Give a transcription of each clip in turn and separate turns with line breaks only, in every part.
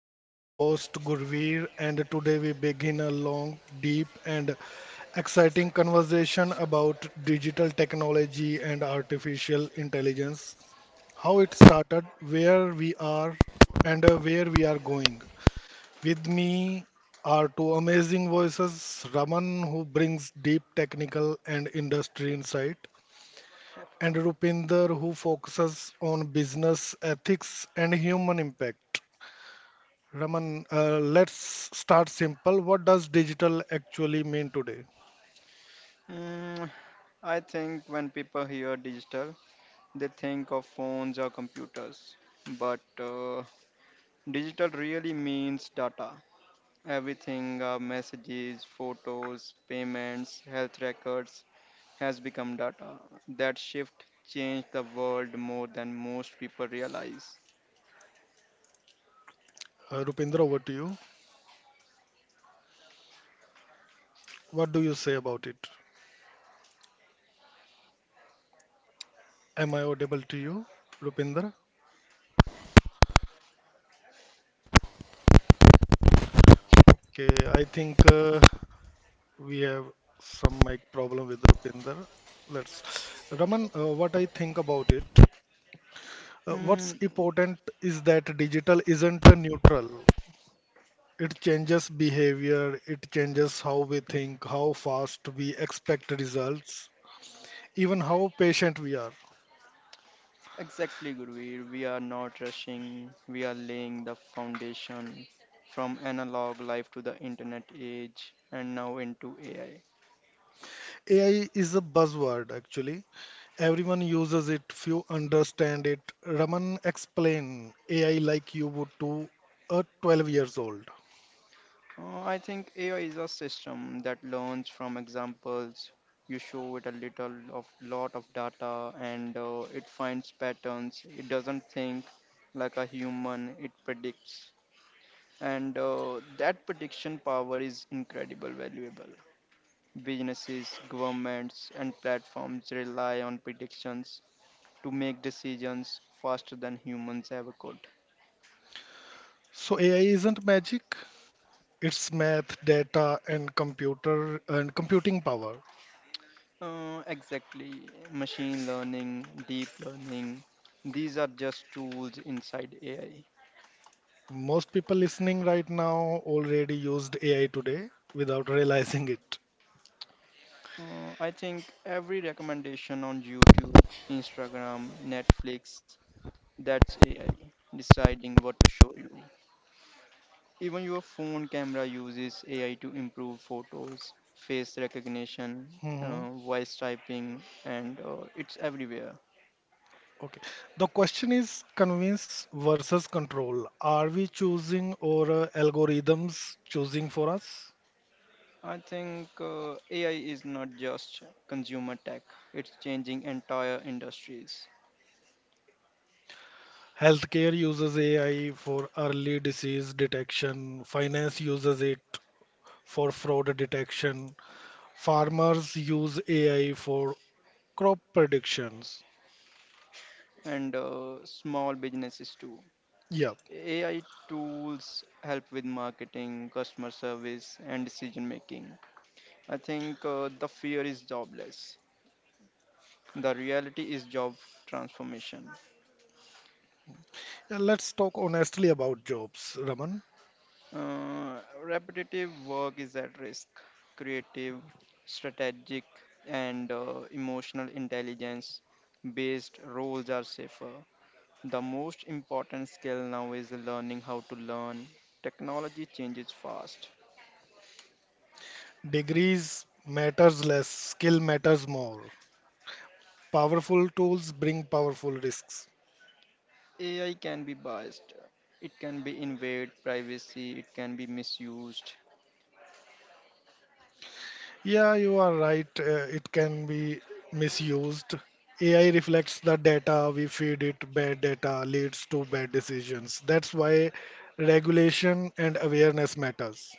I'm your host Gurveer, and today we begin a long, deep, and exciting conversation about digital technology and artificial intelligence, how it started, where we are, and where we are going. With me are two amazing voices, Raman, who brings deep technical and industry insight, and Rupinder, who focuses on business ethics and human impact. Raman, let's start simple. What does digital actually mean today?
Mm, I think when people hear digital, they think of phones or computers. But digital really means data. Everything, messages, photos, payments, health records, has become data. That shift changed the world more than most people realize.
Rupinder, over to you. What do you say about it? Am I audible to you, Rupinder? Okay, I think we have some mic problem with Rupinder. Let's, Raman, what I think about it. What's
Mm,
important is that digital isn't a neutral. It changes behavior, it changes how we think, how fast we expect results, even how patient we are.
exactly, Gurveer. We are not rushing, we are laying the foundation from analog life to the internet age and now into AI.
AI is a buzzword actually. Everyone uses it, few understand it. Raman, explain AI like you would to a 12 years old.
I think AI is a system that learns from examples. You show it a little of lot of data and it finds patterns. It doesn't think like a human, it predicts. And that prediction power is incredible valuable. Businesses, governments, and platforms rely on predictions to make decisions faster than humans ever could.
So AI isn't magic, it's math, data and computer and computing power.
Exactly. Machine learning, deep learning, these are just tools inside AI.
Most people listening right now already used AI today without realizing it.
I think every recommendation on YouTube, Instagram, Netflix, that's AI deciding what to show you. Even your phone camera uses AI to improve photos, face recognition,
hmm
voice typing, and it's everywhere.
Okay. The question is convince versus control. Are we choosing or algorithms choosing for us?
I think AI is not just consumer tech, it's changing entire industries
Healthcare uses AI for early disease detection, finance uses it for fraud detection, farmers use AI for crop predictions.
and small businesses too.
Yeah.
AI tools help with marketing, customer service, and decision making. I think the fear is jobless. The reality is job transformation.
Yeah, let's talk honestly about jobs, Raman.
Repetitive work is at risk. Creative, strategic, and emotional intelligence based roles are safer. The most important skill now is learning how to learn. Technology changes fast.
Degrees matters less, skill matters more. Powerful tools bring powerful risks.
AI can be biased. It can be invade privacy. It can be misused.
Yeah, you are right. It can be misused. AI reflects the data we feed it. Bad data leads to bad decisions. That's why regulation and awareness matters.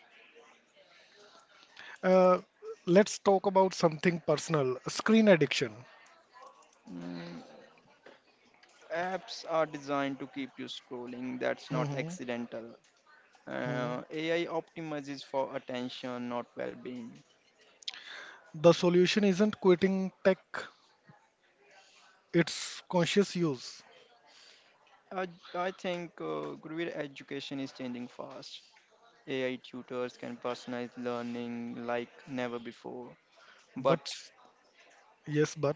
Uh, let's talk about something personal. Screen addiction.
Mm, apps are designed to keep you scrolling. That's not
Mhm,
accidental.
mhm.
AI optimizes for attention, not well-being.
The solution isn't quitting tech. It's conscious use.
I, I think Guruvir, education is changing fast. AI tutors can personalize learning like never before. But
But yes, but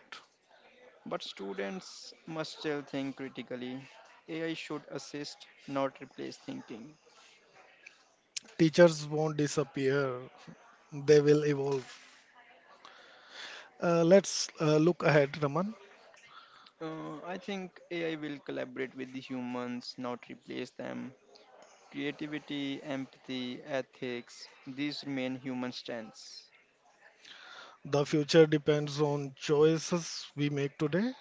But students must still think critically. AI should assist, not replace thinking.
teachers won't disappear. They will evolve. Let's look ahead, Raman.
I think AI will collaborate with the humans, not replace them. Creativity, empathy, ethics, these remain human strengths.
The future depends on choices we make today.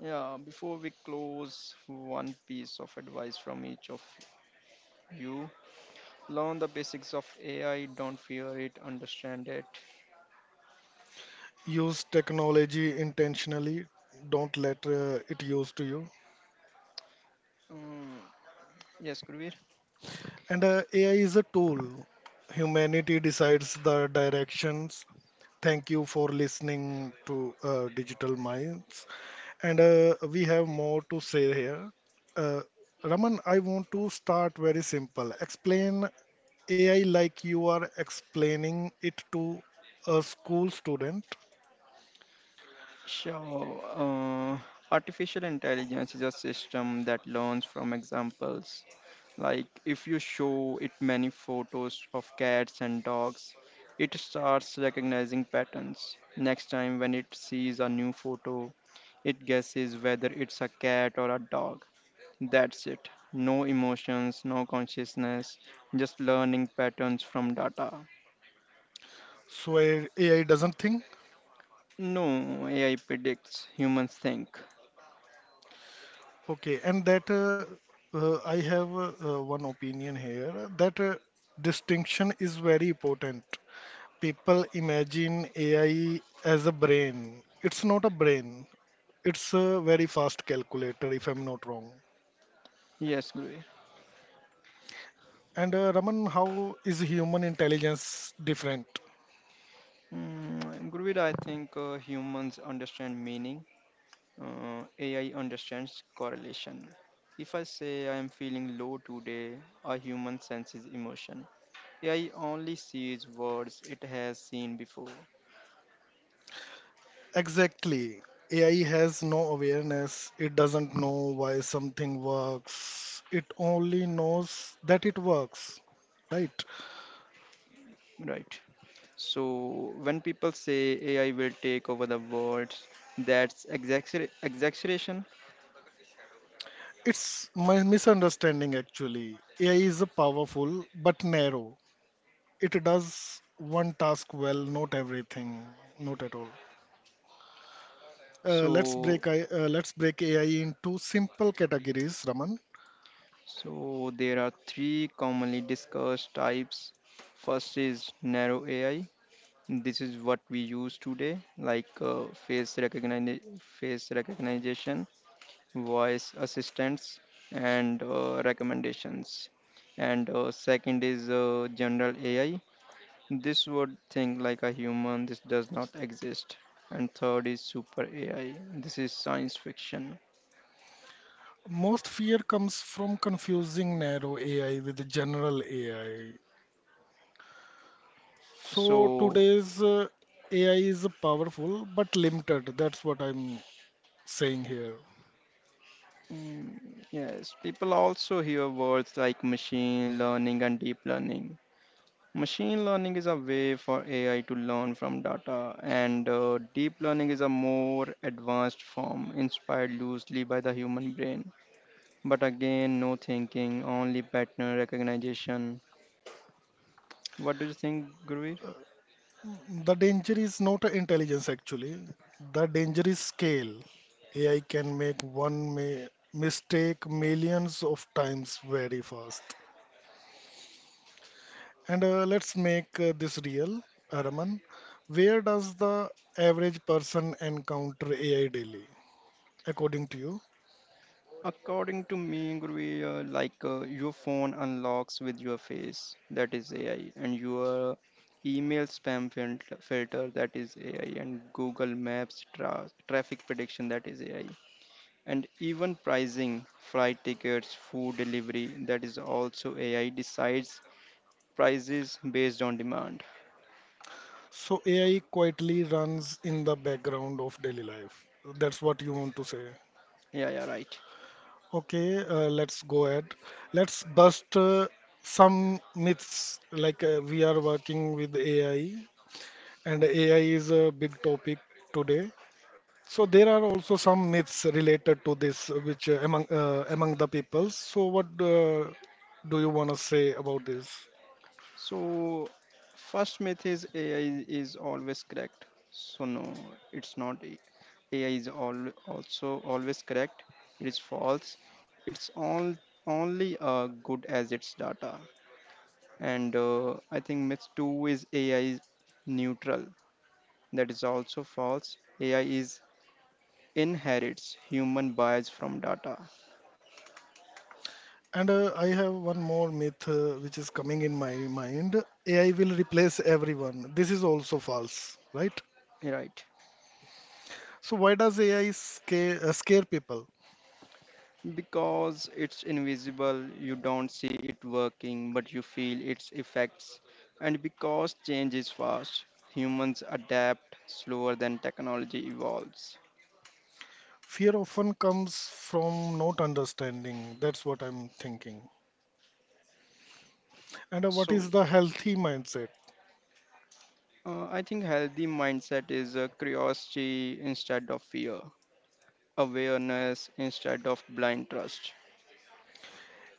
Yeah, before we close, one piece of advice from each of you. Learn the basics of AI, don't fear it, understand it.
Use technology intentionally, don't let it use to you.
Mm, yes, Gurveer?
And AI is a tool. Humanity decides the directions. Thank you for listening to Digital Minds. And we have more to say here. Uh, Raman, I want to start very simple. Explain AI like you are explaining it to a school student.
Sure. Artificial intelligence is a system that learns from examples. Like if you show it many photos of cats and dogs, it starts recognizing patterns. Next time, when it sees a new photo, it guesses whether it's a cat or a dog. That's it. No emotions, no consciousness, just learning patterns from data.
AI doesn't think?
No, AI predicts, humans think.
Okay, and that I have one opinion here that distinction is very important. People imagine AI as a brain. It's not a brain. It's a very fast calculator, if I'm not wrong.
Yes, Guru.
And Raman, how is human intelligence different?
Mm, Gurveer, I think humans understand meaning. AI understands correlation. If I say I am feeling low today, a human senses emotion. AI only sees words it has seen before.
Exactly. AI has no awareness. It doesn't know why something works. It only knows that it works. Right?
Right. So when people say AI will take over the world, that's exaggeration.
It's my misunderstanding actually. AI is a powerful but narrow. It does one task well, not everything, not at all.
So
Let's break AI into simple categories, Raman.
so there are three commonly discussed types. First is narrow AI. This is what we use today, like face recognition, voice assistance, and recommendations. And second is general AI. This would think like a human. This does not exist. And third is super AI. This is science fiction.
Most fear comes from confusing narrow AI with general AI. So
So
today's AI is powerful but limited. That's what I'm saying here.
mm, yes, people also hear words like machine learning and deep learning. Machine learning is a way for AI to learn from data, and deep learning is a more advanced form inspired loosely by the human brain. But again, no thinking, only pattern recognition. What do you think, Gurveer?
The danger is not intelligence actually. The danger is scale. AI can make one mistake millions of times very fast. And let's make this real, Araman. Where does the average person encounter AI daily, according to you?
According to me, Gurveer, like your phone unlocks with your face, that is AI, and your email spam filter, that is AI, and Google Maps traffic prediction, that is AI, and even pricing, flight tickets, food delivery, that is also AI, decides prices based on demand.
So AI quietly runs in the background of daily life. That's what you want to say.
Yeah, yeah, right.
Okay, let's go ahead. Let's bust some myths. Like we are working with AI, and AI is a big topic today. So there are also some myths related to this, which among the peoples. So what do you want to say about this?
So first myth is AI is always correct. So no, it's not. AI is all also always correct, it is false. It's all only good as its data. And I think myth 2 is AI is neutral, that is also false. AI is inherits human bias from data.
And I have one more myth which is coming in my mind. AI will replace everyone. This is also false, right?
Right,
So why does AI scare people?
because it's invisible, you don't see it working but you feel its effects. And because change is fast, humans adapt slower than technology evolves.
Fear often comes from not understanding. That's what I'm thinking. And what
So
is the healthy mindset?
I think healthy mindset is curiosity instead of fear, awareness instead of blind trust.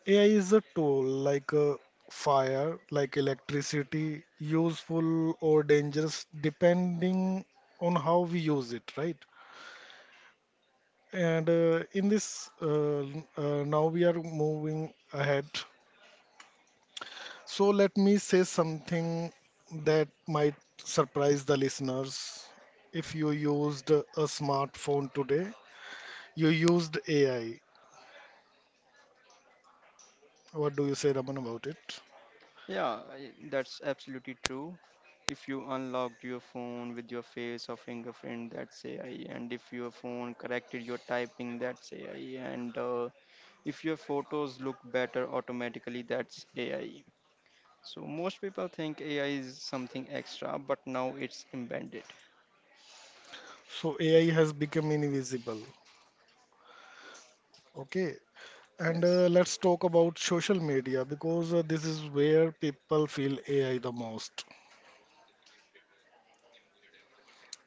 AI is a tool like fire, like electricity, useful or dangerous depending on how we use it, right? And now we are moving ahead. So let me say something that might surprise the listeners. If you used a smartphone today, you used AI. What do you say, Raman, about it?
Yeah, that's absolutely true. If you unlocked your phone with your face or fingerprint, that's AI. And if your phone corrected your typing, that's AI. And if your photos look better automatically, that's AI. So most people think AI is something extra, but now it's embedded.
So AI has become invisible. Okay. And
Yes.
let's talk about social media because this is where people feel AI the most.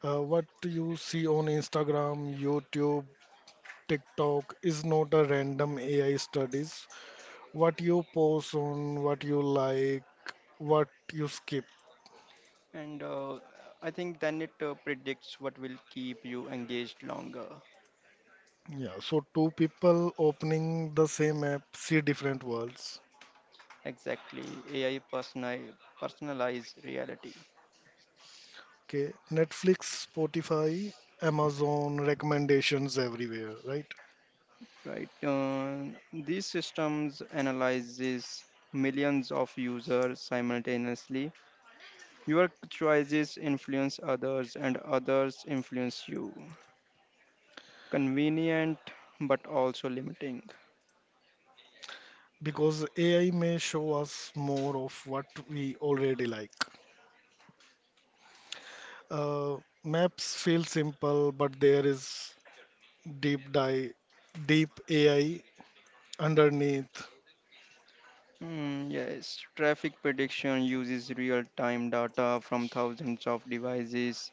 What you see on Instagram, YouTube, TikTok is not a random AI studies. What you post on, what you like, what you skip.
And I think then it predicts what will keep you engaged longer.
Yeah, so two people opening the same app see different worlds.
Exactly. AI personalized reality.
Okay, Netflix, Spotify, Amazon recommendations everywhere, right?
Right. These systems analyzes millions of users simultaneously. Your choices influence others and others influence you. Convenient but also limiting.
Because AI may show us more of what we already like. Uh, Maps feel simple, but there is deep dive, deep AI underneath.
Mm, yes, traffic prediction uses real-time data from thousands of devices.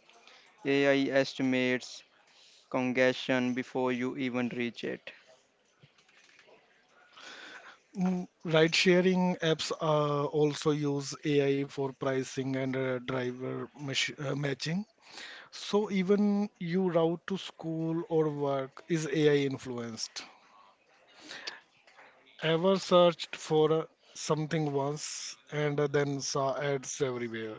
AI estimates congestion before you even reach it.
Ride-sharing apps also use AI for pricing and driver mach matching. So even you route to school or work is AI influenced. Ever searched for something once and then saw ads everywhere?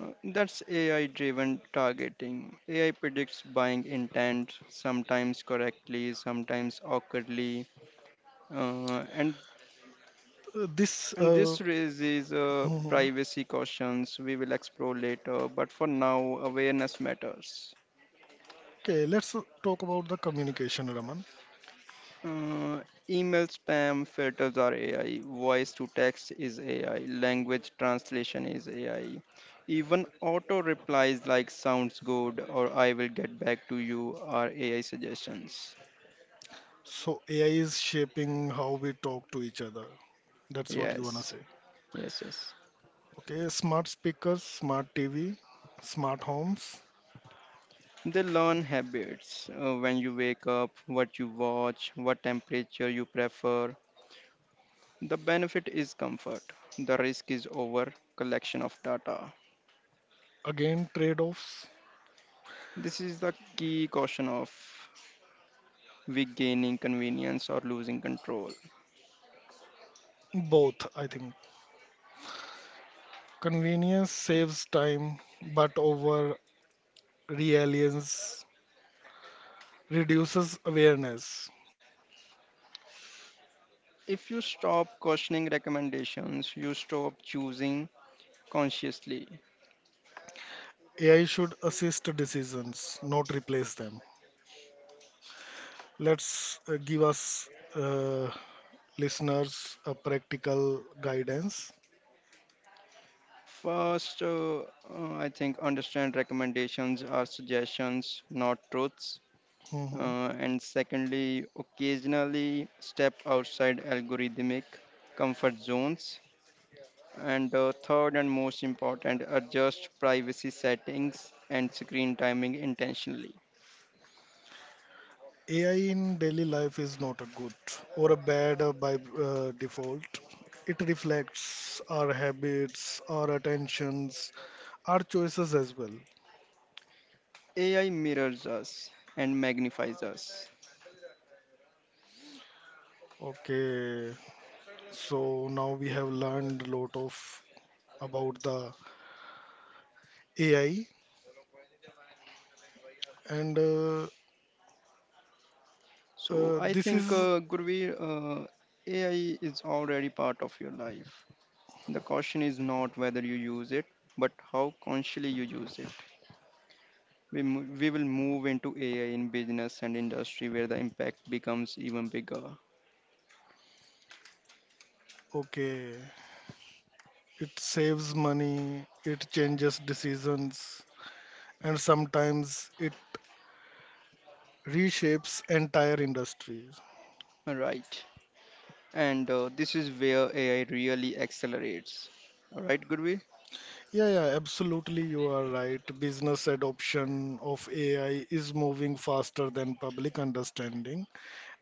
That's AI driven targeting. AI predicts buying intent, sometimes correctly, sometimes awkwardly. Uh, and,
This
and this raises
mhm.
privacy cautions we will explore later, but for now, awareness matters.
Okay. Let's talk about the communication, Raman.
Uh, email spam filters are AI, voice to text is AI, language translation is AI. Even auto replies like sounds good or I will get back to you are AI suggestions.
So AI is shaping how we talk to each other. That's what you wanna
Yes,
say.
yes, yes.
Okay, smart speakers, smart TV, smart homes.
They learn habits, when you wake up, what you watch, what temperature you prefer. The benefit is comfort, the risk is over collection of data.
Again, trade-offs.
This is the key caution of we gaining convenience or losing control.
Both, I think. Convenience saves time, but over reliance reduces awareness.
If you stop cautioning recommendations, you stop choosing consciously.
AI should assist decisions, not replace them. Let's Give us uh, listeners a practical guidance.
First, I think understand recommendations are suggestions, not truths.
hmm
And secondly, occasionally step outside algorithmic comfort zones. And third and most important, adjust privacy settings and screen timing intentionally.
AI in daily life is not a good or a bad by default. It reflects our habits, our attentions, our choices as well.
AI mirrors us and magnifies us.
Okay, so now we have learned a lot of about the AI, and
So I
this
think
is
Gurveer, AI is already part of your life. The question is not whether you use it but how consciously you use. We will move into AI in business and industry where the impact becomes even bigger.
okay. It saves money, it changes decisions, and sometimes it reshapes entire industry.
Right. And this is where AI really accelerates. All right, Gurvi?
Yeah, yeah, absolutely. You are right. Business adoption of AI is moving faster than public understanding,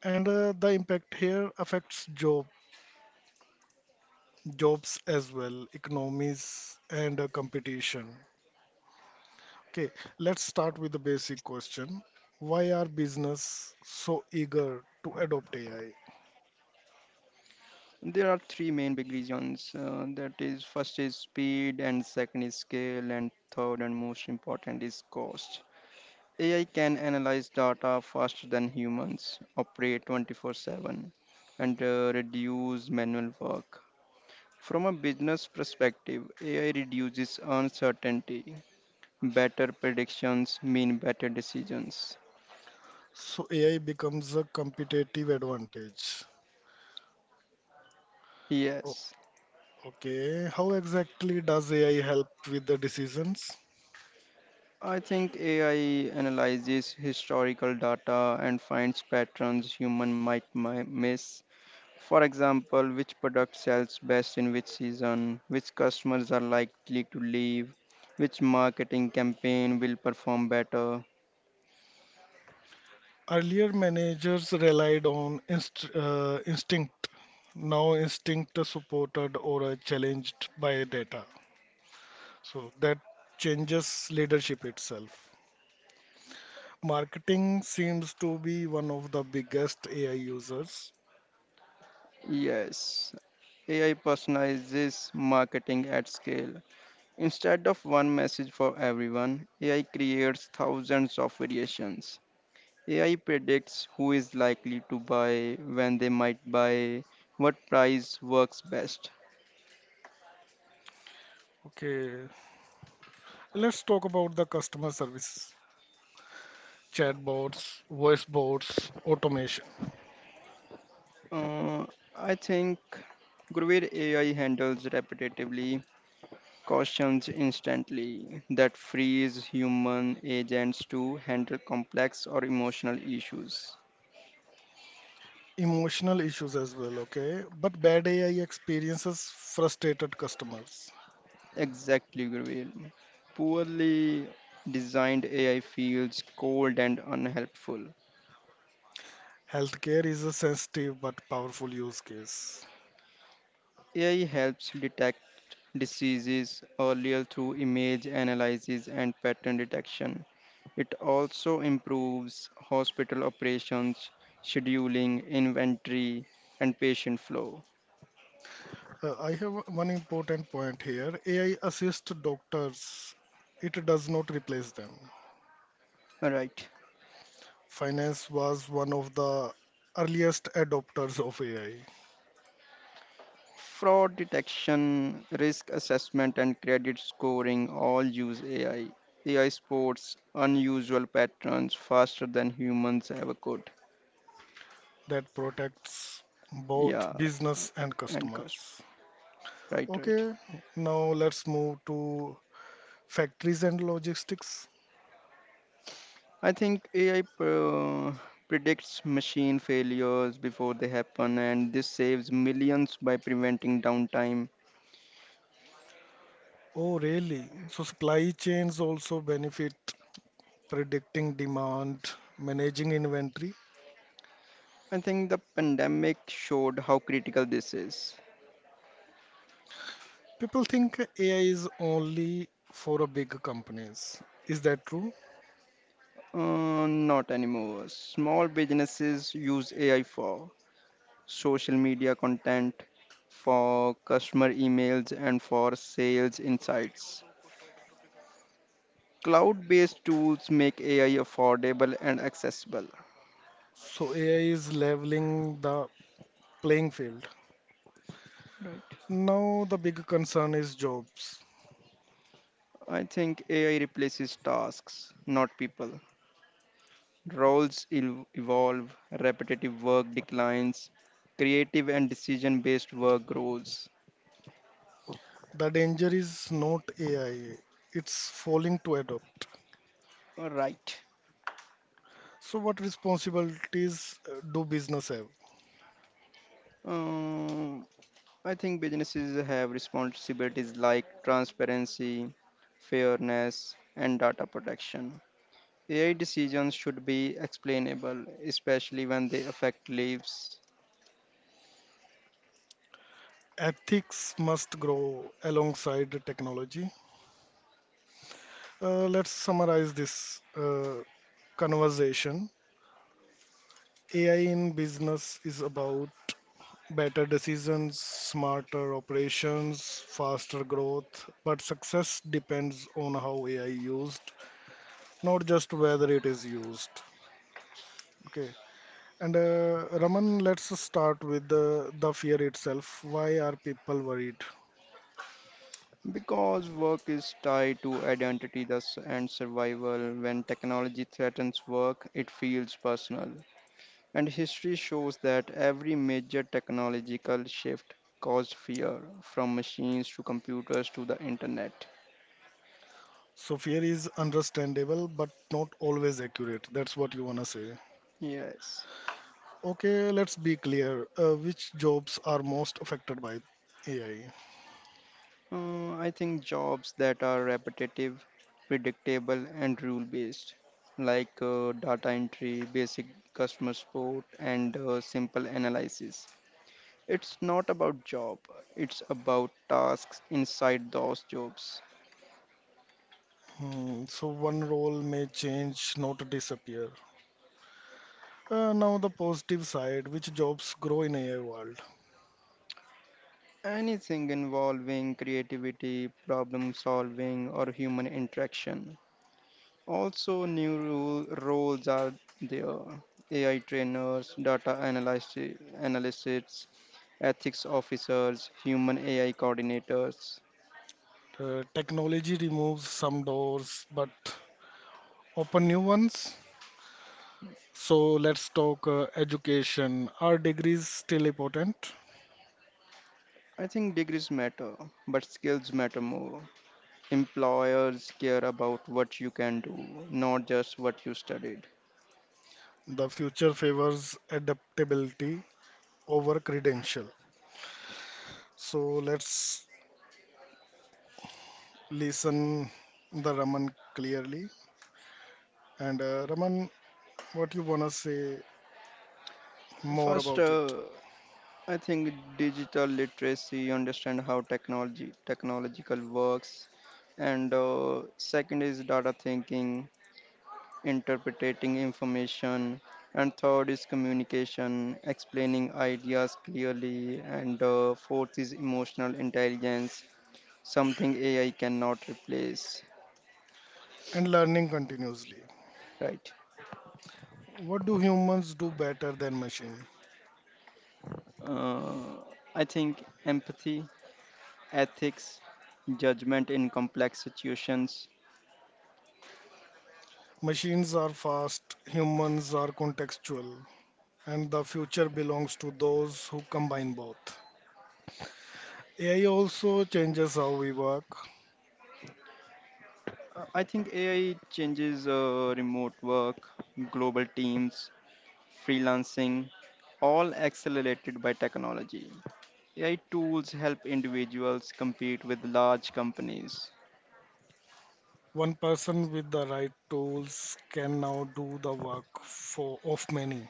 and the impact here affects jobs as well, economies, and competition. Okay, let's start with the basic question. Why are business so eager to adopt AI?
There are three main big reasons. That is, first is speed, and second is scale, and third and most important is cost. AI can analyze data faster than humans, operate 24/7, and reduce manual work. From a business perspective, AI reduces uncertainty. Better predictions mean better decisions.
So AI becomes a competitive advantage. O-
Yes,
Okay, how exactly does AI help with the decisions?
I think AI analyzes historical data and finds patterns human might miss. For example, which product sells best in which season, which customers are likely to leave, which marketing campaign will perform better.
Earlier managers relied on instinct. Now instinct is supported or challenged by data. So that changes leadership itself. Marketing seems to be one of the biggest AI users.
Yes, AI personalizes marketing at scale. Instead of one message for everyone, AI creates thousands of variations. AI predicts who is likely to buy, when they might buy, what price works best.
Okay, let's talk about the customer service, chatbots, voice bots, automation,
Uh, I think Guruvir, AI handles repetitively cautions instantly, that frees human agents to handle complex or emotional issues.
emotional issues as well. Okay, but bad AI experiences frustrated customers.
Exactly, Gurveer. Poorly designed AI feels cold and unhelpful.
Healthcare is a sensitive but powerful use case.
AI helps detect diseases earlier through image analysis and pattern detection. It also improves hospital operations, scheduling, inventory, and patient flow.
I have one important point here. AI assists doctors, it does not replace them.
All right.
Finance was one of the earliest adopters of AI
Fraud detection, risk assessment, and credit scoring all use AI. AI sports unusual patterns faster than humans ever could.
that protects both
Yeah,
business and
and cost.
customers.
Right, right.
Okay, now let's move to factories and logistics.
I think AI predicts machine failures before they happen, and this saves millions by preventing downtime.
Oh, really? So supply chains also benefit predicting demand, managing inventory.
I think the pandemic showed how critical this is.
People think AI is only for a big companies. Is that true?
Not anymore. Small businesses use AI for social media content, for customer emails, and for sales insights. Cloud based tools make AI affordable and accessible.
So AI is leveling the playing field.
Right.
Now the big concern is jobs.
I think AI replaces tasks, not people. Roles evolve, repetitive work declines, creative and decision based work grows.
The danger is not AI. It's falling to adopt.
All right.
So what responsibilities do business have?
Uh, I think businesses have responsibilities like transparency, fairness, and data protection. AI decisions should be explainable, especially when they affect lives.
Ethics must grow alongside technology. Let's summarize this conversation. AI in business is about better decisions, smarter operations, faster growth. But success depends on how AI used, not just whether it is used. Okay. And Raman, let's start with the fear itself. Why are people worried?
Because work is tied to identity thus and survival, when technology threatens work, it feels personal. And history shows that every major technological shift caused fear, from machines to computers to the internet.
So fear is understandable, but not always accurate. That's what you wanna say.
Yes.
Okay, let's be clear. Which jobs are most affected by AI?
I think jobs that are repetitive, predictable, and rule based, like data entry, basic customer support, and simple analysis. It's not about job, it's about tasks inside those jobs.
Hmm, so one role may change, not disappear. Now the positive side, which jobs grow in AI world.
Anything involving creativity, problem solving, or human interaction. Also, new rule, roles are there, AI trainers, data analyst, analysts, ethics officers, human AI coordinators.
Technology removes some doors but open new ones. So let's talk education. Are degrees still important?
I think degrees matter, but skills matter more. Employers care about what you can do, not just what you studied.
The future favors adaptability over credential. So let's listen the Raman clearly. And Raman, what you wanna say more
First,
about it?
I think digital literacy, understand how technology technological works, and second is data thinking, interpreting information, and third is communication, explaining ideas clearly, and fourth is emotional intelligence, something AI cannot replace.
And learning continuously.
Right.
What do humans do better than machine?
Uh, I think empathy, ethics, judgment in complex situations.
Machines are fast, humans are contextual, and the future belongs to those who combine both. AI also changes how we work.
I think AI changes remote work, global teams, freelancing, all accelerated by technology. AI tools help individuals compete with large companies.
One person with the right tools can now do the work for of many.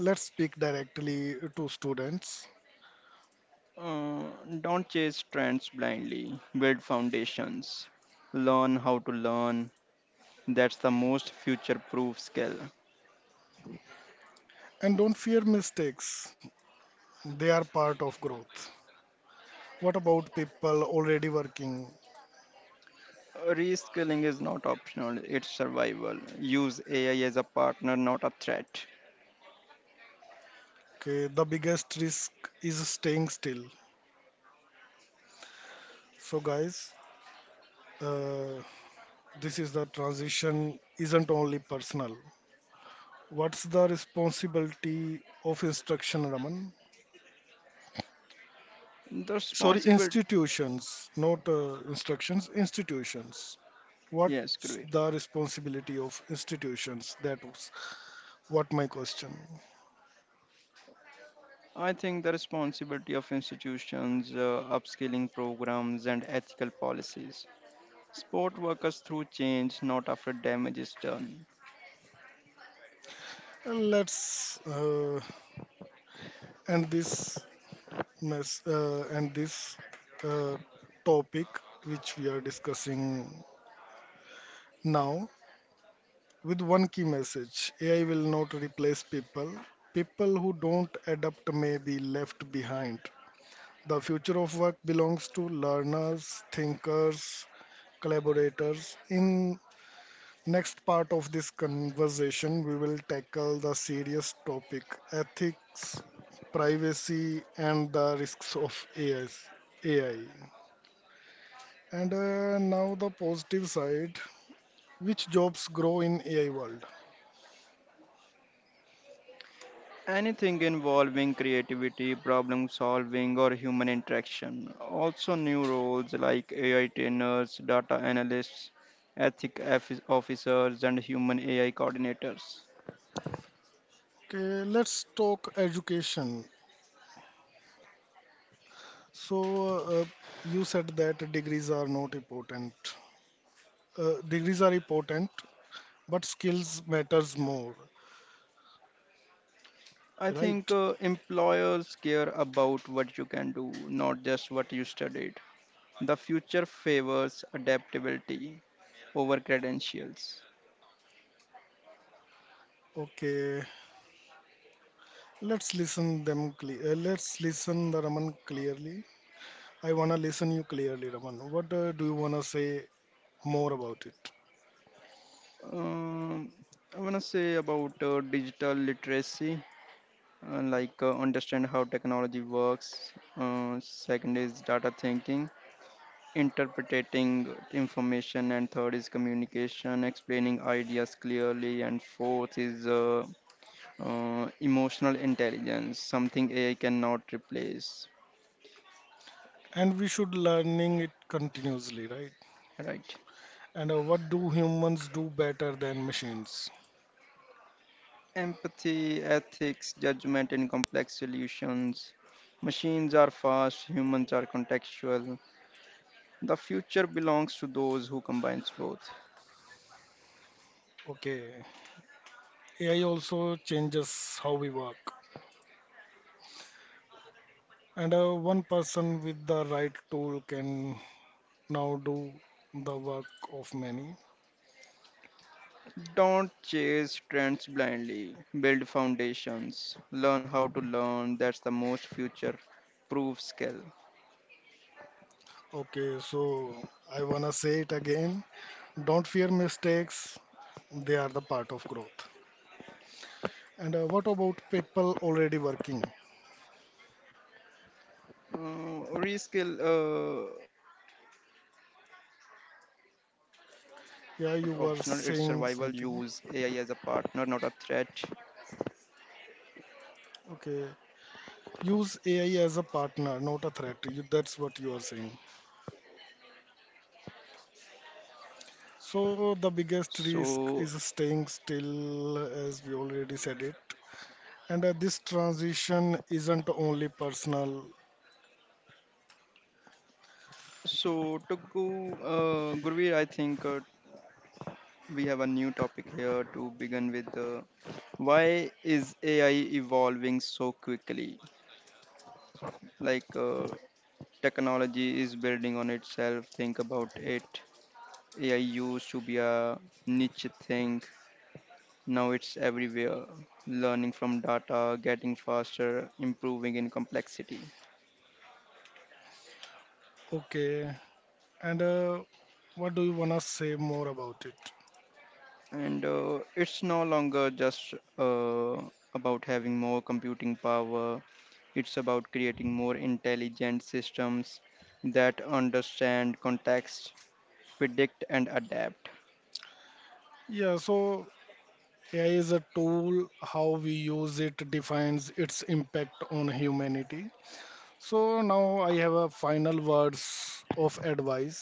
Let's speak directly to students
Uh, don't chase trends blindly, build foundations. Learn how to learn. That's the most future proof skill.
and don't fear mistakes. They are part of growth. What about people already working?
Reskilling is not optional, it's survival. Use AI as a partner, not a threat.
Okay, the biggest risk is staying still. So guys, uh, this is the transition isn't only personal. What's the responsibility of instruction, Raman?
The
Sorry,
responsibility,
institutions, not instructions, institutions. What's
yes, great.
the responsibility of institutions? That was what my question.
I think the responsibility of institutions, upskilling programs, and ethical policies support workers through change, not after damage is done.
And let's end this end this uh, topic which we are discussing now, with one key message. AI will not replace people. People who don't adapt may be left behind. The future of work belongs to learners, thinkers, collaborators. In next part of this conversation, we will tackle the serious topic ethics, privacy, and the risks of AIs, AI. And now the positive side, which jobs grow in AI world?
Anything involving creativity, problem solving, or human interaction. Also, new roles like AI trainers, data analysts, ethic officers, and human AI coordinators.
Okay, let's talk education. So, uh, you said that degrees are not important. Degrees are important, but skills matters more,
I think
right?
employers care about what you can do, not just what you studied. The future favors adaptability over credentials.
Okay, let's listen them clear. Let's listen the Raman clearly. I wanna listen you clearly, Raman. What do you wanna say more about it?
Um, I want to say about digital literacy, like understand how technology works. Second is data thinking, interpreting information, and third is communication, explaining ideas clearly, and fourth is emotional intelligence, something AI cannot replace.
And we should learning it continuously, right?
Right?
And what do humans do better than machines?
Empathy, ethics, judgment, and complex solutions. Machines are fast, humans are contextual. The future belongs to those who combines both.
Okay, AI also changes how we work. And one person with the right tool can now do the work of many.
Don't chase trends blindly. Build foundations. Learn how to learn. That's the most future proof skill.
Okay, so I wanna say it again. Don't fear mistakes, they are the part of growth. And what about people already working?
Uh, reskill, uh, reskilling is not optional. It's survival. Use AI as
Yeah,
a
you were
partner, not a
saying
threat.
something. Okay, use AI as a partner, not a threat. You, that's what you are saying.
So,
So the biggest risk is staying still, as we already said it. And this transition isn't only personal.
so to go, Gurveer, I think we have a new topic here to begin with. Why is AI evolving so quickly? Like technology is building on itself. Think about it. AI used to be a niche thing, now it's everywhere, learning from data, getting faster, improving in complexity.
Okay. And what do you want to say more about it?
And it's no longer just about having more computing power, it's about creating more intelligent systems that understand context, predict and adapt.
Yeah, so AI is a tool. How we use it defines its impact on humanity. So now I have a final words of advice.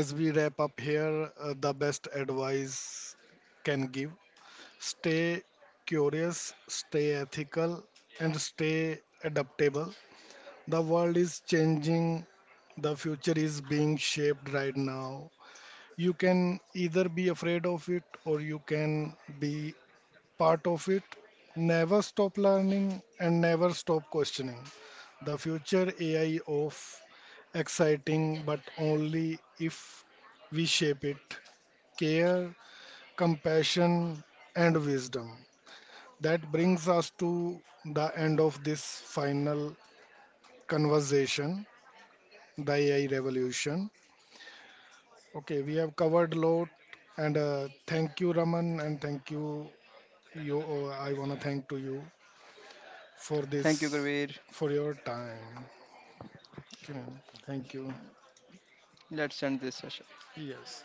As we wrap up here, the best advice can give. Stay curious, stay ethical, and stay adaptable. The world is changing. The future is being shaped right now. You can either be afraid of it or you can be part of it. Never stop learning and never stop questioning. The future AI of exciting, but only if we shape it. Care, compassion, and wisdom. That brings us to the end of this final conversation, the AI revolution. Okay, we have covered a lot, and thank you, Raman, and thank you, you. Oh, I wanna thank to you for
Thank you,
this,
Gurveer.
for your time. Okay, thank you.
Let's end this session.
Yes.